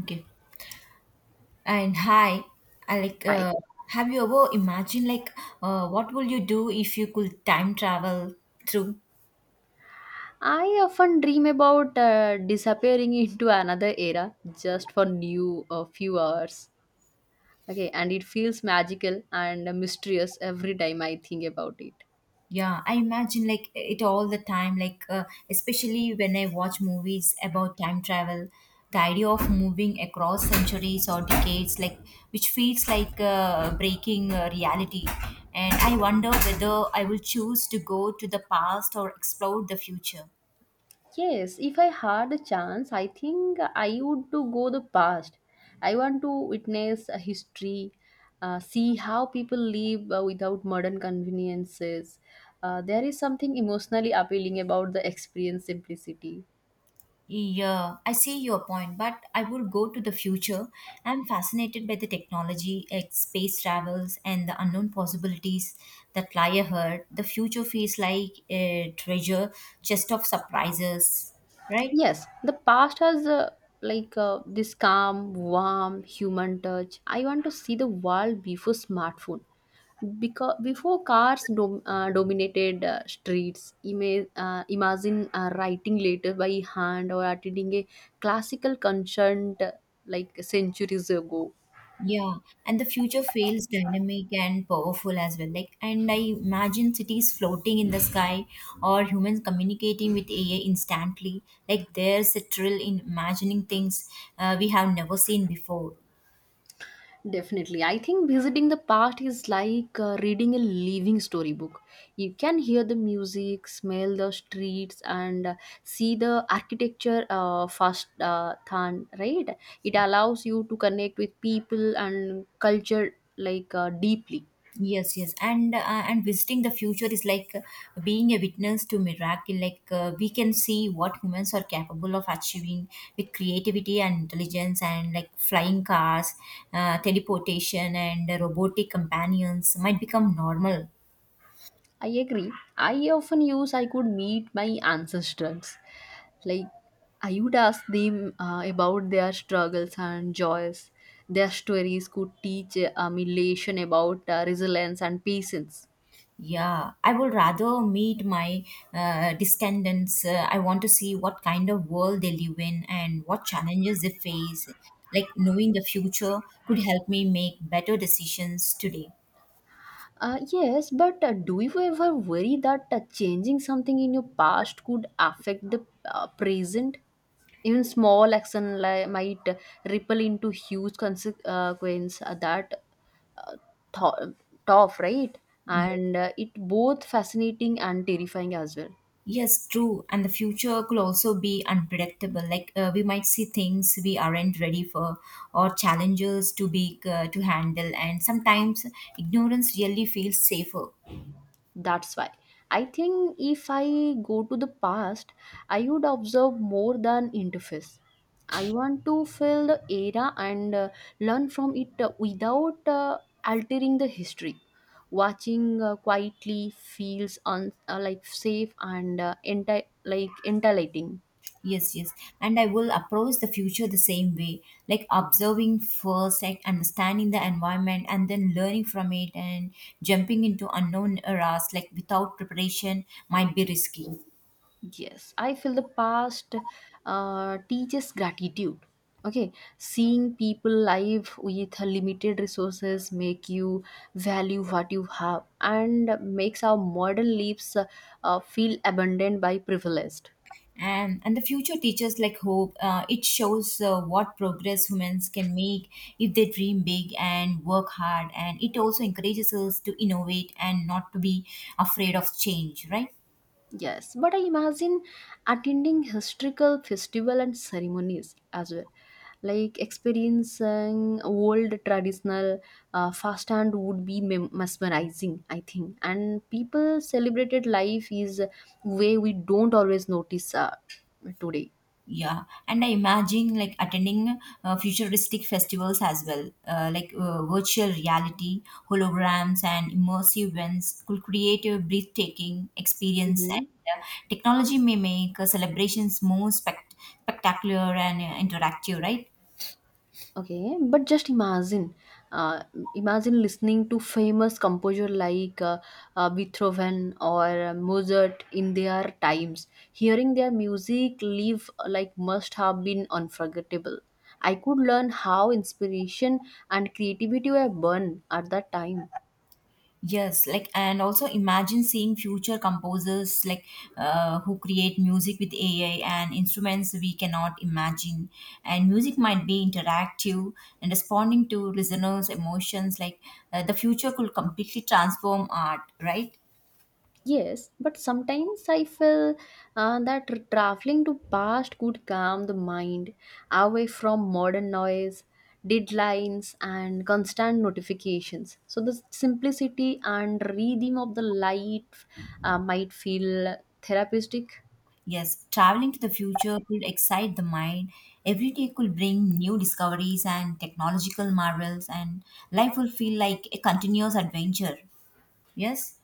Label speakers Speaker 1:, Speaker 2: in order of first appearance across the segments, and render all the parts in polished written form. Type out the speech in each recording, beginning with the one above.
Speaker 1: Okay. And hi, I like.
Speaker 2: Hi.
Speaker 1: Have you ever imagined what will you do if you could time travel through?
Speaker 2: I often dream about disappearing into another era just for new a few hours. Okay, and it feels magical and mysterious every time I think about it.
Speaker 1: Yeah, I imagine like it all the time. Especially when I watch movies about time travel, the idea of moving across centuries or decades, like which feels like breaking reality. And I wonder whether I will choose to go to the past or explore the future.
Speaker 2: Yes, if I had a chance, I think I would to go the past. I want to witness a history, see how people live without modern conveniences. There is something emotionally appealing about the experience simplicity.
Speaker 1: Yeah, I see your point, but I would go to the future. I'm fascinated by the technology, space travels, and the unknown possibilities that lie ahead. The future feels like a treasure chest of surprises, right?
Speaker 2: Yes, the past has this calm, warm human touch. I want to see the world before smartphone. Because before cars dominated streets, imagine writing letters by hand or attending a classical concert centuries ago.
Speaker 1: Yeah, and the future feels dynamic and powerful as well. And I imagine cities floating in the sky or humans communicating with AI instantly. Like, there's a thrill in imagining things we have never seen before.
Speaker 2: Definitely. I think visiting the past is like reading a living storybook. You can hear the music, smell the streets, and see the architecture first hand, right? It allows you to connect with people and culture deeply.
Speaker 1: Yes, yes, and visiting the future is like being a witness to miracle. We can see what humans are capable of achieving with creativity and intelligence, and like flying cars, teleportation, and robotic companions might become normal.
Speaker 2: I agree. I often use I could meet my ancestors. Like, I would ask them about their struggles and joys. Their stories could teach me lesson about resilience and patience.
Speaker 1: Yeah, I would rather meet my descendants. I want to see what kind of world they live in and what challenges they face. Like knowing the future could help me make better decisions today.
Speaker 2: Yes, but do you ever worry that changing something in your past could affect the present? Even small action might ripple into huge consequence. Uh, th- tough, right?
Speaker 1: Yeah.
Speaker 2: And it both fascinating and terrifying as well.
Speaker 1: Yes, true. And the future could also be unpredictable. We might see things we aren't ready for, or challenges to be to handle. And sometimes ignorance really feels safer.
Speaker 2: That's why I think if I go to the past, I would observe more than interface. I want to feel the era and learn from it without altering the history. Watching quietly feels like safe and like entertaining.
Speaker 1: Yes, yes. And I will approach the future the same way, like observing first, like understanding the environment, and then learning from it, and jumping into unknown eras, like without preparation, might be risky.
Speaker 2: Yes, I feel the past teaches gratitude. Okay, seeing people live with limited resources make you value what you have and makes our modern lives feel abundant by privileged.
Speaker 1: And the future teachers like hope, it shows what progress humans can make if they dream big and work hard, and it also encourages us to innovate and not to be afraid of change, right?
Speaker 2: Yes, but I imagine attending historical festival and ceremonies as well, like experiencing old traditional uh, and would be mesmerizing, I think. And people celebrated life is way we don't always notice today.
Speaker 1: Yeah, and I imagine like attending futuristic festivals as well, virtual reality holograms and immersive events could create a breathtaking experience, and
Speaker 2: Mm-hmm.
Speaker 1: uh, technology may make celebrations more spectacular and interactive, right?
Speaker 2: Okay, but just imagine, uh, imagine listening to famous composer like Beethoven or Mozart in their times. Hearing their music live must have been unforgettable. I could learn how inspiration and creativity were born at that time.
Speaker 1: Yes, like and also imagine seeing future composers like who create music with AI and instruments we cannot imagine. And music might be interactive and responding to listeners' emotions. The future could completely transform art, right?
Speaker 2: Yes, but sometimes I feel that traveling to past could calm the mind away from modern noise, deadlines, and constant notifications. So the simplicity and rhythm of the life might feel therapeutic.
Speaker 1: Yes, traveling to the future could excite the mind. Every day could bring new discoveries and technological marvels, and life will feel like a continuous adventure. Yes.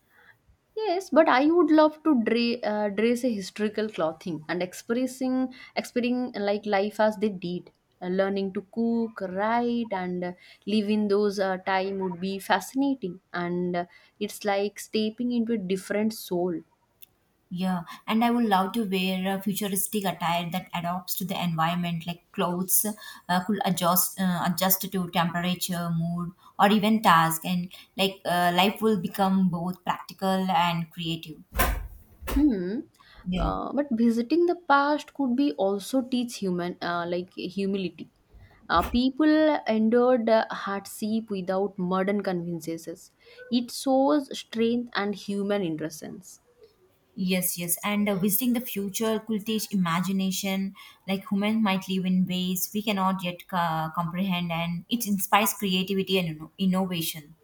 Speaker 2: Yes, but I would love to dress a historical clothing and expressing like life as they did. Learning to cook, write, and live in those time would be fascinating. And it's like stepping into a different soul.
Speaker 1: Yeah, and I would love to wear a futuristic attire that adapts to the environment, like clothes could adjust to temperature, mood, or even task, and life will become both practical and creative.
Speaker 2: Hmm.
Speaker 1: Yeah.
Speaker 2: But visiting the past could be also teach human like humility. People endured hardship without modern conveniences. It shows strength and human innocence.
Speaker 1: Yes, yes. And visiting the future could teach imagination, like humans might live in ways we cannot yet comprehend, and it inspires creativity and innovation.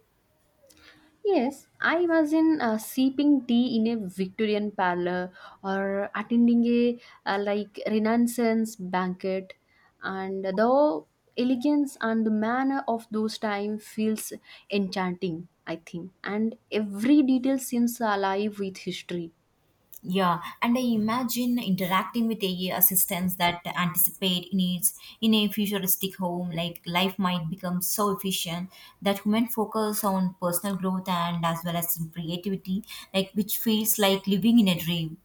Speaker 2: Yes, I imagine sipping tea in a Victorian parlor or attending a Renaissance banquet, and the elegance and the manner of those time feels enchanting. I think, and every detail seems alive with history.
Speaker 1: Yeah, and I imagine interacting with AI assistants that anticipate needs in a futuristic home. Like life might become so efficient that human focus on personal growth and as well as creativity, like which feels like living in a dream.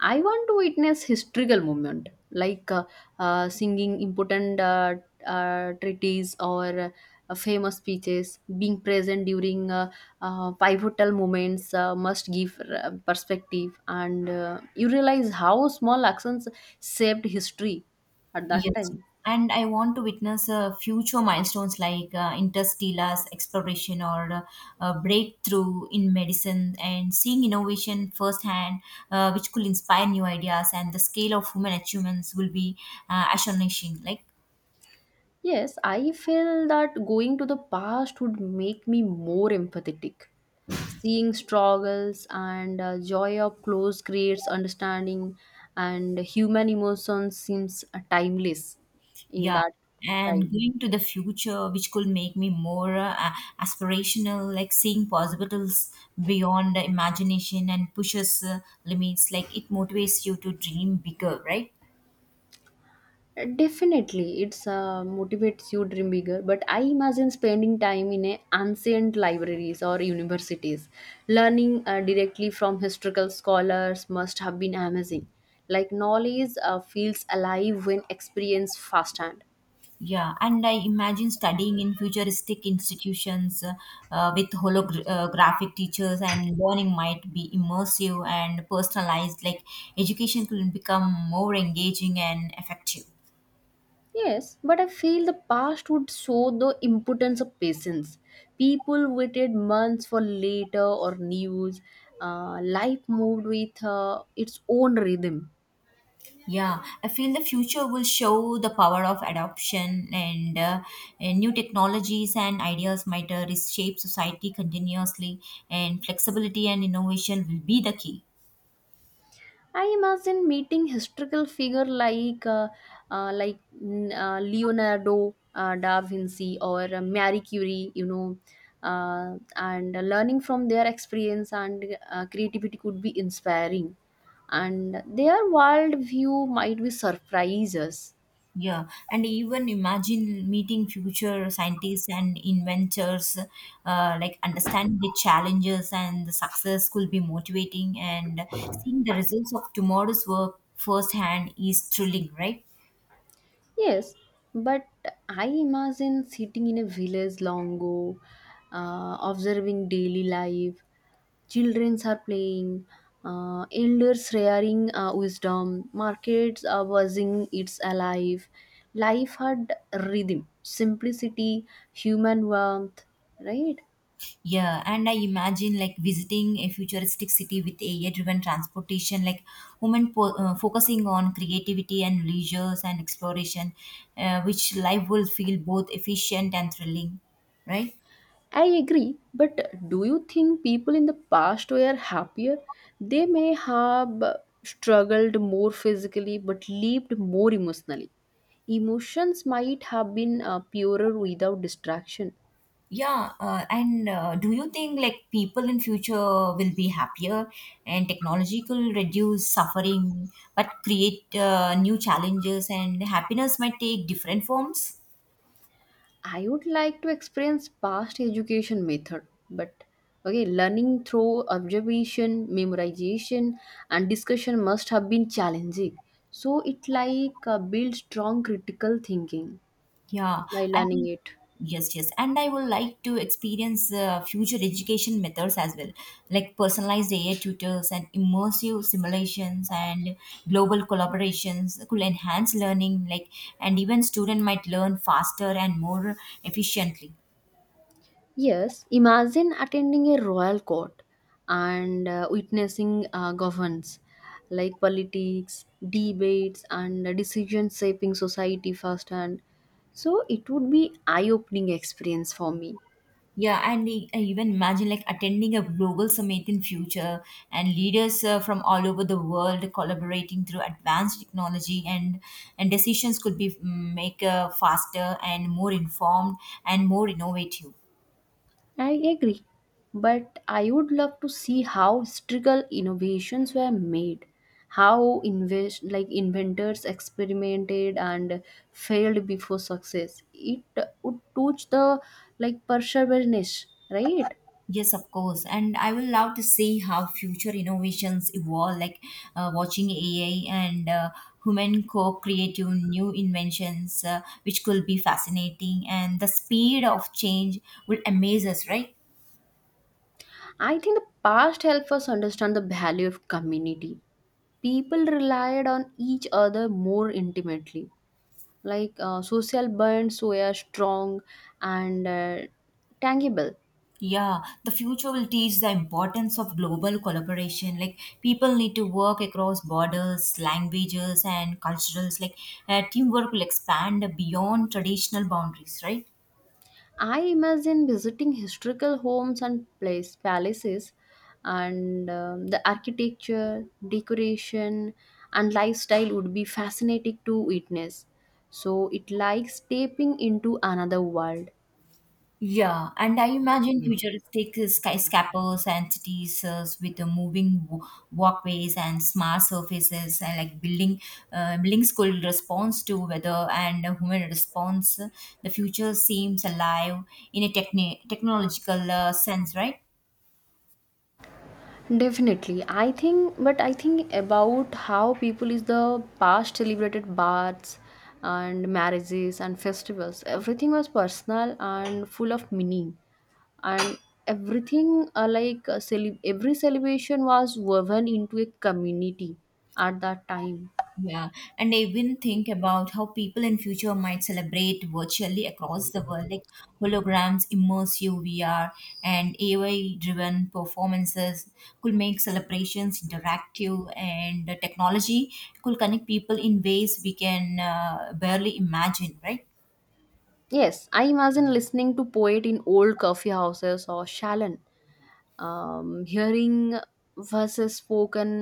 Speaker 2: I want to witness historical moment like singing important treaties or famous speeches. Being present during pivotal moments must give perspective, and you realize how small actions saved history at
Speaker 1: Yes,
Speaker 2: that time.
Speaker 1: and I want to witness future milestones like interstellar exploration or a breakthrough in medicine, and seeing innovation firsthand, which could inspire new ideas. And the scale of human achievements will be astonishing. Like,
Speaker 2: Yes, I feel that going to the past would make me more empathetic. Seeing struggles and joy up close creates understanding, and human emotions seems timeless in
Speaker 1: yeah.
Speaker 2: that
Speaker 1: And
Speaker 2: time.
Speaker 1: going to the future, which could make me more aspirational, like seeing possibilities beyond the imagination and pushes limits, like it motivates you to dream bigger, right?
Speaker 2: Definitely, it's motivates you dream bigger. But I imagine spending time in a ancient libraries or universities, learning directly from historical scholars must have been amazing. Like knowledge feels alive when experienced firsthand.
Speaker 1: Yeah, and I imagine studying in futuristic institutions with holographic teachers, and learning might be immersive and personalized. Like education could become more engaging and effective.
Speaker 2: Yes, but I feel the past would show the importance of patience. People waited months for later or news. Life moved with its own rhythm.
Speaker 1: Yeah, I feel the future will show the power of adoption, and new technologies and ideas might reshape society continuously, and flexibility and innovation will be the key.
Speaker 2: I imagine meeting historical figure like Leonardo da Vinci or Marie Curie, you know, and learning from their experience and creativity could be inspiring, and their world view might be surprises.
Speaker 1: Yeah, and even imagine meeting future scientists and inventors, like understanding the challenges and the success could be motivating, and seeing the results of tomorrow's work firsthand is thrilling, right?
Speaker 2: Yes, but I imagine sitting in a village long ago, observing daily life. Children are playing, elders sharing wisdom, markets are buzzing, it's alive. Life had rhythm, simplicity, human warmth, right?
Speaker 1: Yeah, and I imagine like visiting a futuristic city with AI-driven transportation, like focusing on creativity and leisures and exploration, which life will feel both efficient and thrilling, right?
Speaker 2: I agree, but do you think people in the past were happier? They may have struggled more physically but lived more emotionally. Emotions might have been purer without distraction.
Speaker 1: Yeah, and do you think like people in future will be happier, and technology could reduce suffering but create new challenges, and happiness might take different forms?
Speaker 2: I would like to experience past education method, but okay, learning through observation, memorization, and discussion must have been challenging. So it like build strong critical thinking
Speaker 1: Yeah,
Speaker 2: by
Speaker 1: I
Speaker 2: learning
Speaker 1: mean,
Speaker 2: it.
Speaker 1: yes, yes, and I would like to experience future education methods as well, like personalized AI tutors and immersive simulations and global collaborations could enhance learning, like, and even student might learn faster and more efficiently.
Speaker 2: Yes, imagine attending a royal court and witnessing governance like politics, debates, and decision shaping society firsthand. So it would be eye opening experience for me.
Speaker 1: Yeah, and I even imagine like attending a global summit in future, and leaders from all over the world collaborating through advanced technology, and decisions could be make faster and more informed and more innovative.
Speaker 2: I agree, but I would love to see how historical innovations were made, how invest like inventors experimented and failed before success. It would teach the like perseverance, right?
Speaker 1: Yes, of course. And I will love to see how future innovations evolve, like watching AI and human co creative new inventions, which could be fascinating. And the speed of change will amaze us, right?
Speaker 2: I think the past helps us understand the value of community. People relied on each other more intimately. Social bonds were strong and tangible.
Speaker 1: Yeah, the future will teach the importance of global collaboration. Like people need to work across borders, languages, and cultures. Teamwork will expand beyond traditional boundaries, right?
Speaker 2: I imagine visiting historical homes and place, palaces and the architecture, decoration and lifestyle would be fascinating to witness. So it like stepping into another world.
Speaker 1: Yeah, and I imagine futuristic skyscrapers and cities with the moving walkways and smart surfaces, and like buildings could response to weather and a human response. The future seems alive in a technological sense, right?
Speaker 2: Definitely. I think but I think about how people is the past celebrated baths and marriages and festivals. Everything was personal and full of meaning and everything every celebration was woven into a community at that time.
Speaker 1: Yeah, and I even think about how people in future might celebrate virtually across the world, like holograms, immersive VR, and AI-driven performances could make celebrations interactive, and the technology could connect people in ways we can barely imagine, right?
Speaker 2: Yes, I imagine listening to poet in old coffee houses or shalon, hearing verses spoken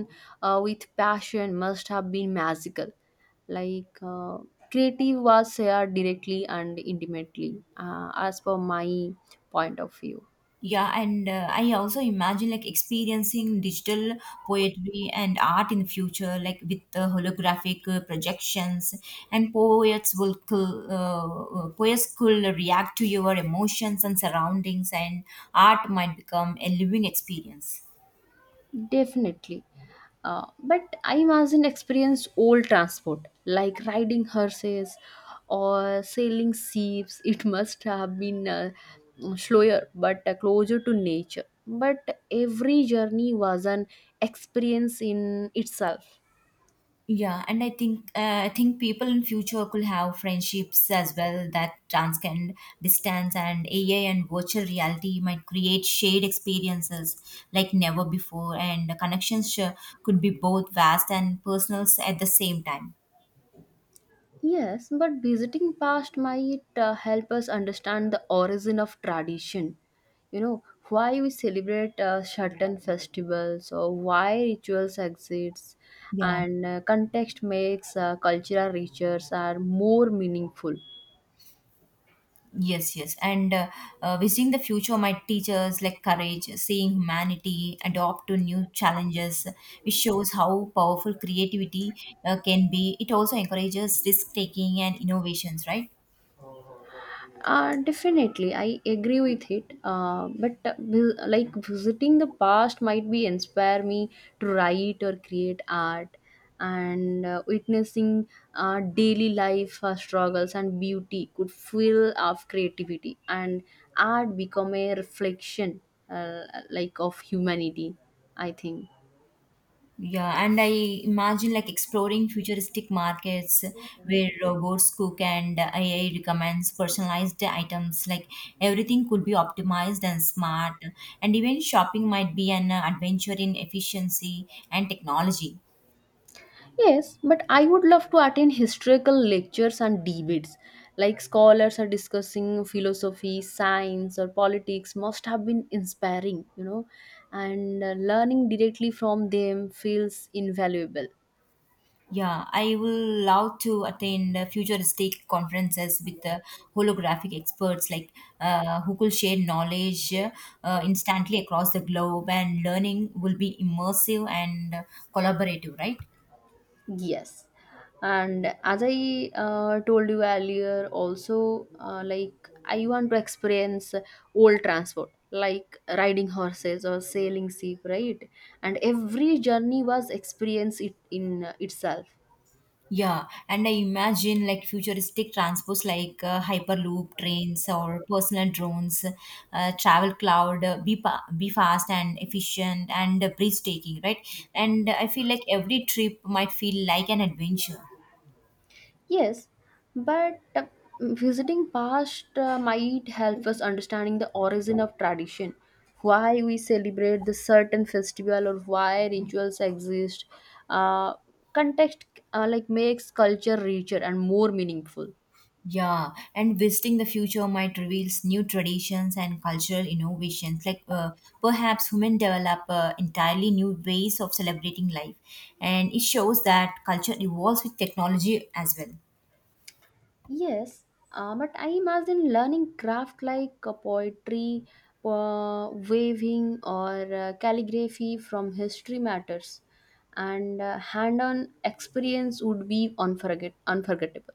Speaker 2: with passion must have been magical like uh, creative was shared directly and intimately as per my point of view.
Speaker 1: Yeah, and I also imagine like experiencing digital poetry and art in the future, like with the holographic projections, and poets could react to your emotions and surroundings, and art might become a living experience.
Speaker 2: Definitely. But I imagine experience old transport, like riding horses or sailing ships. It must have been slower but closer to nature. But every journey was an experience in itself.
Speaker 1: Yeah, and I think people in future could have friendships as well that transcend distance, and AI and virtual reality might create shared experiences like never before, and the connections could be both vast and personal at the same time.
Speaker 2: Yes, but visiting past might help us understand the origin of tradition. You know, why we celebrate certain festivals or why rituals exist
Speaker 1: Yeah.
Speaker 2: and context makes cultural rituals are more meaningful.
Speaker 1: Yes, yes. And visiting the future might teach us like courage, seeing humanity adopt to new challenges, which shows how powerful creativity can be. It also encourages risk taking and innovations, right?
Speaker 2: Definitely, I agree with it. But vi- like Visiting the past might be inspire me to write or create art, and witnessing daily life struggles and beauty could fuel of creativity, and art become a reflection uh, of humanity. I think.
Speaker 1: Yeah, and I imagine like exploring futuristic markets where robots cook and AI recommends personalized items. Like everything could be optimized and smart, and even shopping might be an adventure in efficiency and technology.
Speaker 2: Yes, but I would love to attend historical lectures and debates. Like scholars are discussing philosophy, science, or politics, must have been inspiring, you know, and learning directly from them feels invaluable.
Speaker 1: Yeah, I will love to attend futuristic conferences with holographic experts like who could share knowledge instantly across the globe, and learning will be immersive and collaborative, right?
Speaker 2: Yes. And as I told you earlier, also, like, I want to experience old transport, like riding horses or sailing ship, right? And every journey was experience it in itself.
Speaker 1: Yeah, and I imagine like futuristic transports like hyperloop trains or personal drones, travel cloud, be fast and efficient and breathtaking, right? And I feel like every trip might feel like an adventure.
Speaker 2: Yes, but visiting past might help us understanding the origin of tradition, why we celebrate the certain festival or why rituals exist. Uh, Context makes culture richer and more meaningful.
Speaker 1: Yeah, and visiting the future might reveals new traditions and cultural innovations. Perhaps human develop entirely new ways of celebrating life, and it shows that culture evolves with technology as well.
Speaker 2: Yes, but I imagine learning craft like poetry, weaving, or calligraphy from history matters, and hand-on experience would be unforgettable.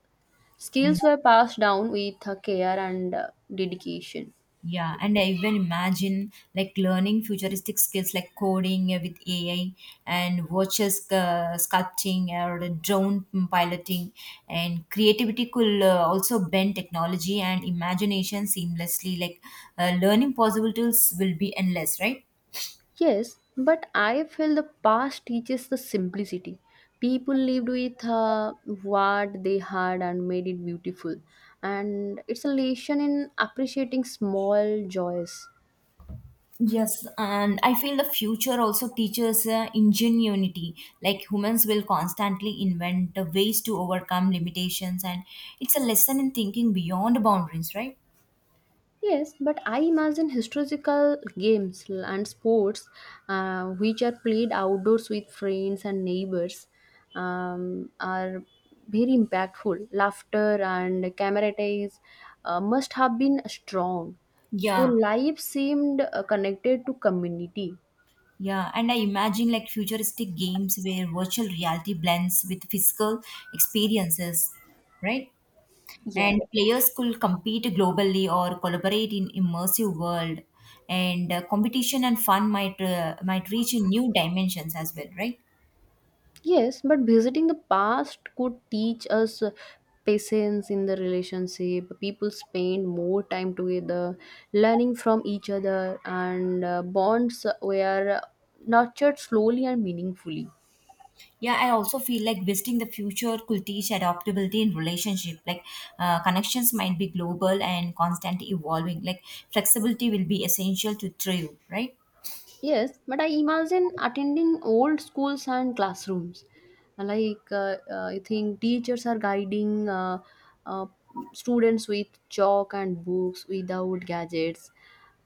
Speaker 2: Skills were passed down with care and dedication.
Speaker 1: Yeah, and I even imagine like learning futuristic skills like coding with AI and watches sculpting or the drone piloting, and creativity could also bend technology and imagination seamlessly. Learning possibilities will be endless, right?
Speaker 2: Yes, but I feel the past teaches the simplicity. People lived with what they had and made it beautiful. And it's a lesson in appreciating small joys.
Speaker 1: Yes, and I feel the future also teaches ingenuity. Like humans will constantly invent ways to overcome limitations, and it's a lesson in thinking beyond boundaries, right?
Speaker 2: Yes, but I imagine historical games and sports which are played outdoors with friends and neighbors are very impactful. Laughter and camaraderie must have been strong. So
Speaker 1: Yeah,
Speaker 2: life seemed connected to community.
Speaker 1: yeah. And I imagine like futuristic games where virtual reality blends with physical experiences, right? And
Speaker 2: Yes.
Speaker 1: players could compete globally or collaborate in immersive world. And competition and fun might reach in new dimensions as well, right?
Speaker 2: Yes, but visiting the past could teach us patience in the relationship. People spend more time together, learning from each other, and bonds were nurtured slowly and meaningfully.
Speaker 1: Yeah, I also feel like visiting the future could teach adaptability in relationship. Connections might be global and constantly evolving. Like flexibility will be essential to thrive, right?
Speaker 2: Yes, but I imagine attending old schools and classrooms. Like, I think teachers are guiding uh, students with chalk and books without gadgets.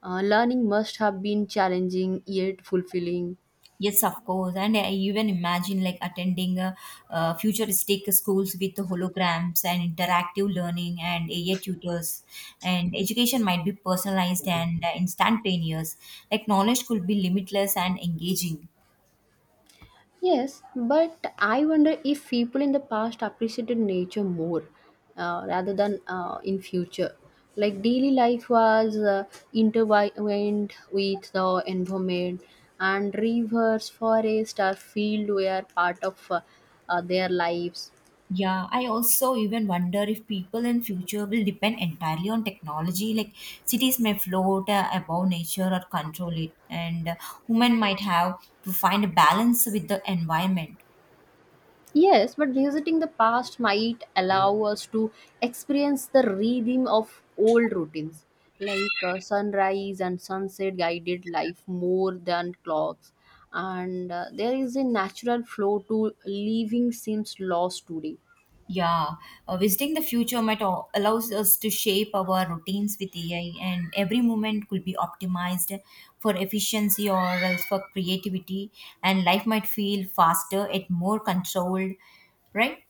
Speaker 2: Learning must have been challenging yet fulfilling.
Speaker 1: Yes, of course. And I even imagine like attending futuristic schools with holograms and interactive learning and AI tutors. And education might be personalized and instantaneous. Like knowledge could be limitless and engaging.
Speaker 2: Yes, but I wonder if people in the past appreciated nature more rather than in future. Like daily life was intertwined with the environment, and rivers, forest, or field were part of their lives.
Speaker 1: Yeah, I also even wonder if people in future will depend entirely on technology. Like cities may float above nature or control it, and human might have to find a balance with the environment.
Speaker 2: Yes, but visiting the past might allow us to experience the rhythm of old routines, like sunrise and sunset guided life more than clocks. And there is a natural flow to living seems lost today.
Speaker 1: Yeah, visiting the future might allows us to shape our routines with AI, and every moment could be optimized for efficiency or else for creativity, and life might feel faster and more controlled, right?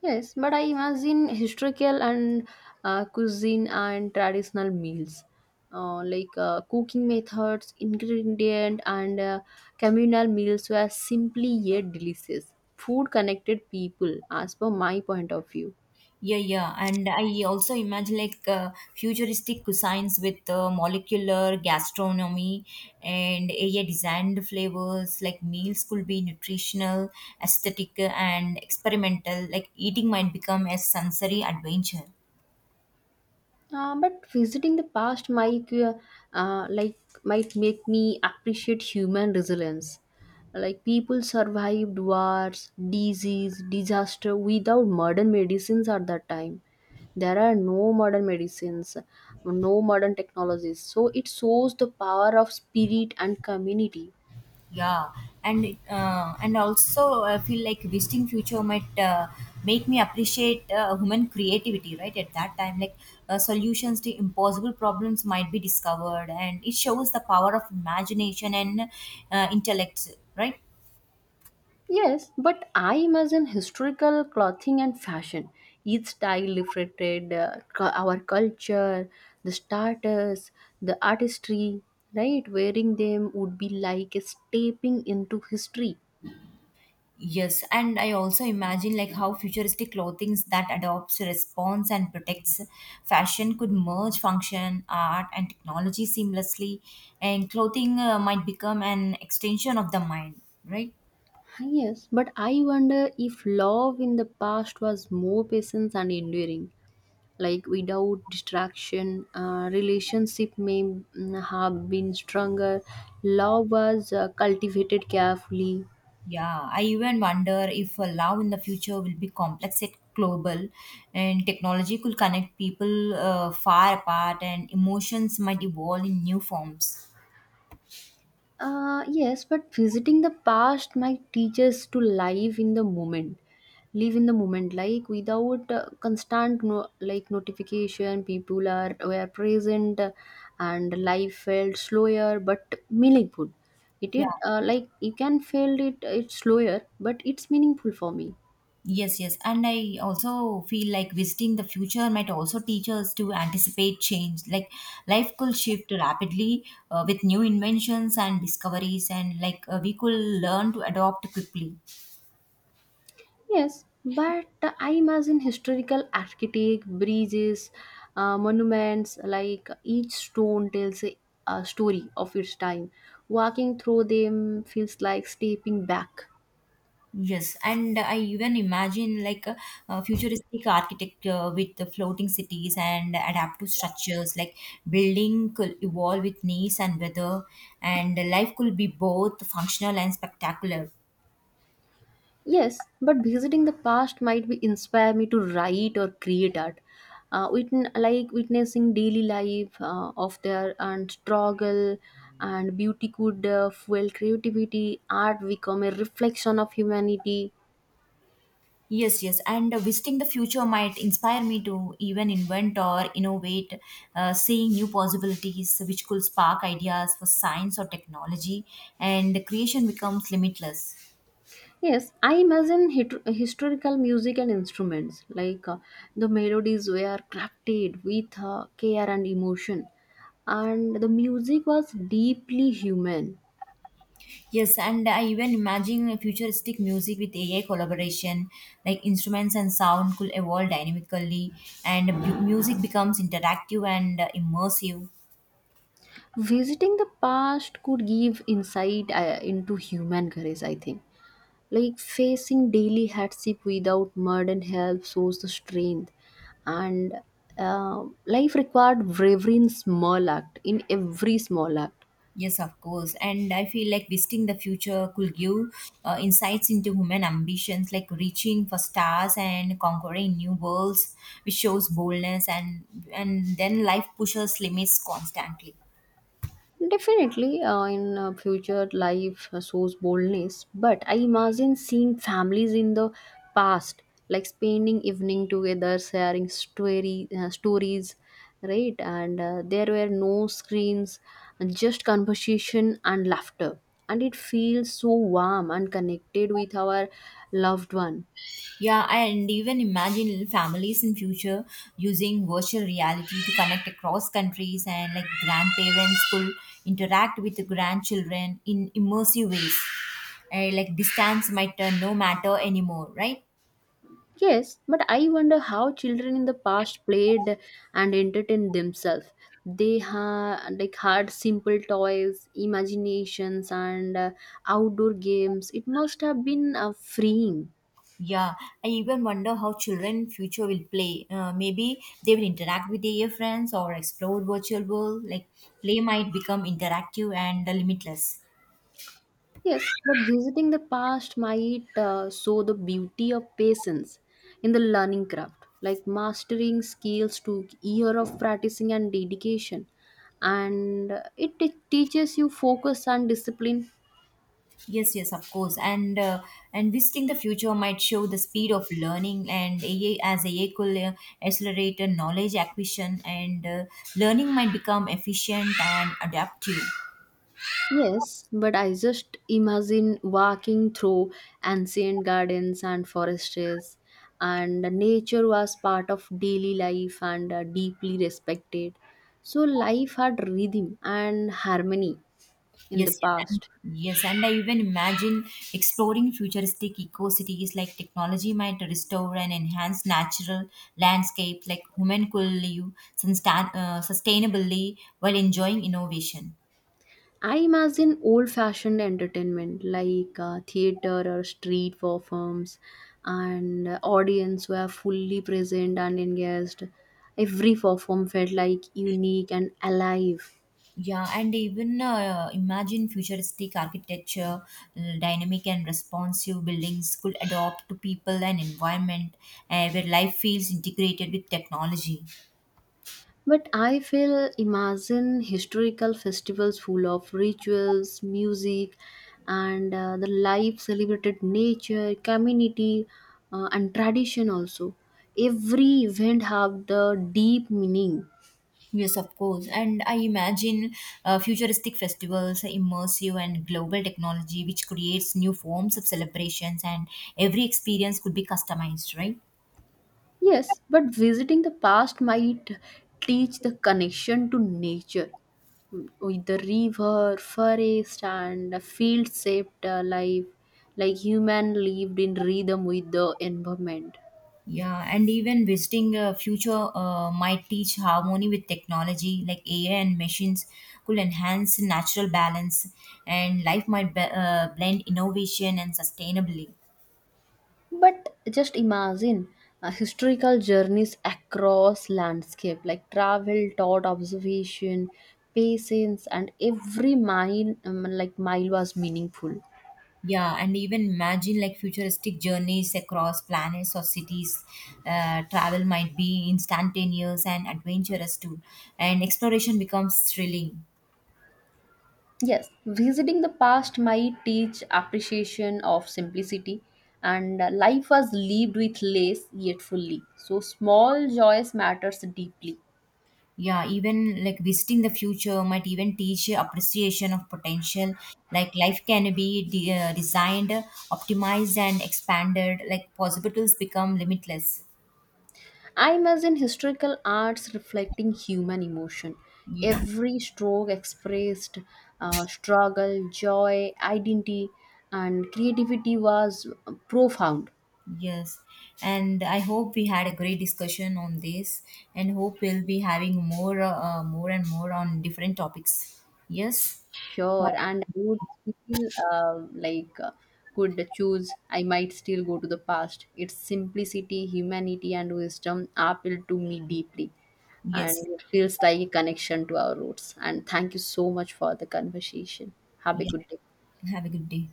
Speaker 2: Yes, but I imagine historical and cuisine and traditional meals, like cooking methods, ingredient, and communal meals were simply yet delicious. Food connected people, as per my point of view.
Speaker 1: Yeah, yeah, and I also imagine like futuristic cuisines with molecular gastronomy and AI designed flavors. Like meals could be nutritional, aesthetic, and experimental. Like eating might become a sensory adventure.
Speaker 2: But visiting the past might, uh, like, might make me appreciate human resilience. Like people survived wars, disease, disaster without modern medicines at that time. There are no modern medicines, no modern technologies. So it shows the power of spirit and community.
Speaker 1: Yeah, and also I feel like visiting future might make me appreciate human creativity. Right at that time, like solutions to impossible problems might be discovered, and it shows the power of imagination and intellect. Right.
Speaker 2: Yes, but I imagine historical clothing and fashion. Each style reflected our culture, the status, the artistry, right? Wearing them would be like stepping into history.
Speaker 1: Yes, and I also imagine like how futuristic clothing that adopts responds, and protects fashion could merge function, art, and technology seamlessly, and clothing might become an extension of the mind, right?
Speaker 2: Yes, but I wonder if love in the past was more patient and enduring. Like without distraction, relationship may have been stronger. Love was cultivated carefully.
Speaker 1: Yeah, I even wonder if love in the future will be complex and global, and technology could connect people far apart, and emotions might evolve in new forms.
Speaker 2: Yes, but visiting the past might teach us to live in the moment. Live in the moment, like without constant notification. People are were present, and life felt slower but meaningful. It did
Speaker 1: Yeah.
Speaker 2: like you can feel it. It's slower, but it's meaningful for me.
Speaker 1: Yes, yes. And I also feel like visiting the future might also teach us to anticipate change. Like life could shift rapidly with new inventions and discoveries, and like we could learn to adopt quickly.
Speaker 2: Yes, but I imagine historical architect, bridges, monuments, like each stone tells a story of its time. Walking through them feels like stepping back.
Speaker 1: Yes, and I even imagine a futuristic architecture with the floating cities and adaptive structures. Like building could evolve with needs and weather, and life could be both functional and spectacular.
Speaker 2: Yes, but visiting the past might be inspire me to write or create art. Like witnessing daily life of their and struggle and beauty could fuel creativity. Art become a reflection of humanity.
Speaker 1: Yes, yes, and visiting the future might inspire me to even invent or innovate, seeing new possibilities which could spark ideas for science or technology, and the creation becomes limitless.
Speaker 2: Yes, I imagine historical music and instruments like the melodies were crafted with care and emotion, and the music was deeply human.
Speaker 1: Yes, and I even imagine a futuristic music with AI collaboration, like instruments and sound could evolve dynamically, and music becomes interactive and immersive.
Speaker 2: Visiting the past could give insight into human courage, I think. Like facing daily hardship without modern help shows the strength, and life required bravery in small act, in every small act.
Speaker 1: Yes, of course. And I feel like visiting the future could give insights into human ambitions, like reaching for stars and conquering new worlds, which shows boldness and then life pushes limits constantly.
Speaker 2: Definitely, in future life shows boldness, but I imagine seeing families in the past, like spending evening together, sharing story stories, right? And there were no screens, just conversation and laughter, and it feels so warm and connected with our loved one.
Speaker 1: Yeah, and even imagine families in future using virtual reality to connect across countries and like grandparents could interact with the grandchildren in immersive ways. And like distance might no matter anymore, right?
Speaker 2: Yes, but I wonder how children in the past played and entertained themselves. They ha like had simple toys, imaginations, and outdoor games. It must have been freeing.
Speaker 1: Yeah, I even wonder how children future will play. Maybe they will interact with their friends or explore virtual world. Like play might become interactive and limitless.
Speaker 2: Yes, but visiting the past might show the beauty of patience in the learning craft, like mastering skills took year of practicing and dedication, and it teaches you focus and discipline.
Speaker 1: Yes, yes, of course. And visiting the future might show the speed of learning and AI as AI could accelerate knowledge acquisition and learning might become efficient and adaptive.
Speaker 2: Yes, but I just imagine walking through ancient gardens and forests, and nature was part of daily life and deeply respected. So, life had rhythm and harmony in the
Speaker 1: Yes, yes, and,
Speaker 2: past.
Speaker 1: yes, and I even imagine exploring futuristic eco-cities like technology might restore and enhance natural landscapes like human could sustainably while enjoying innovation.
Speaker 2: I imagine old fashioned entertainment like theater or street performs, and audience were fully present and engaged. Every perform felt like unique and alive.
Speaker 1: Yeah, and even imagine futuristic architecture, dynamic and responsive buildings could adapt to people and environment where life feels integrated with technology.
Speaker 2: But I feel imagine historical festivals full of rituals, music, and the life celebrated nature, community, and tradition also. Every event have the deep meaning.
Speaker 1: Yes, of course. And I imagine futuristic festivals, immersive and global technology, which creates new forms of celebrations, and every experience could be customized, right?
Speaker 2: Yes, but visiting the past might teach the connection to nature with the river, forest, and field shaped life, like human lived in rhythm with the environment.
Speaker 1: Yeah, and even visiting future might teach harmony with technology, like AI and machines could enhance natural balance, and life might blend innovation and sustainability.
Speaker 2: But just imagine historical journeys across landscape like travel, thought, observation, patience, and every mile was meaningful.
Speaker 1: Yeah, and even imagine like futuristic journeys across planets or cities. Travel might be instantaneous and adventurous too, and exploration becomes thrilling.
Speaker 2: Yes, visiting the past might teach appreciation of simplicity, and life was lived with less yet fully. So small joys matters deeply.
Speaker 1: Yeah, even like visiting the future might even teach you appreciation of potential. Like life can be designed, optimized, and expanded. Like possibilities become limitless.
Speaker 2: I imagine historical arts reflecting human emotion.
Speaker 1: Yeah.
Speaker 2: Every stroke expressed struggle, joy, identity, and creativity was profound.
Speaker 1: Yes, and I hope we had a great discussion on this, and hope we'll be having more, and more on different topics. Yes,
Speaker 2: Sure, and I would still could choose. I might still go to the past. Its simplicity, humanity, and wisdom appeal to me deeply, and
Speaker 1: yes,
Speaker 2: it feels like a connection to our roots. And thank you so much for the conversation. Have a
Speaker 1: yes.
Speaker 2: good day.
Speaker 1: Have a good day.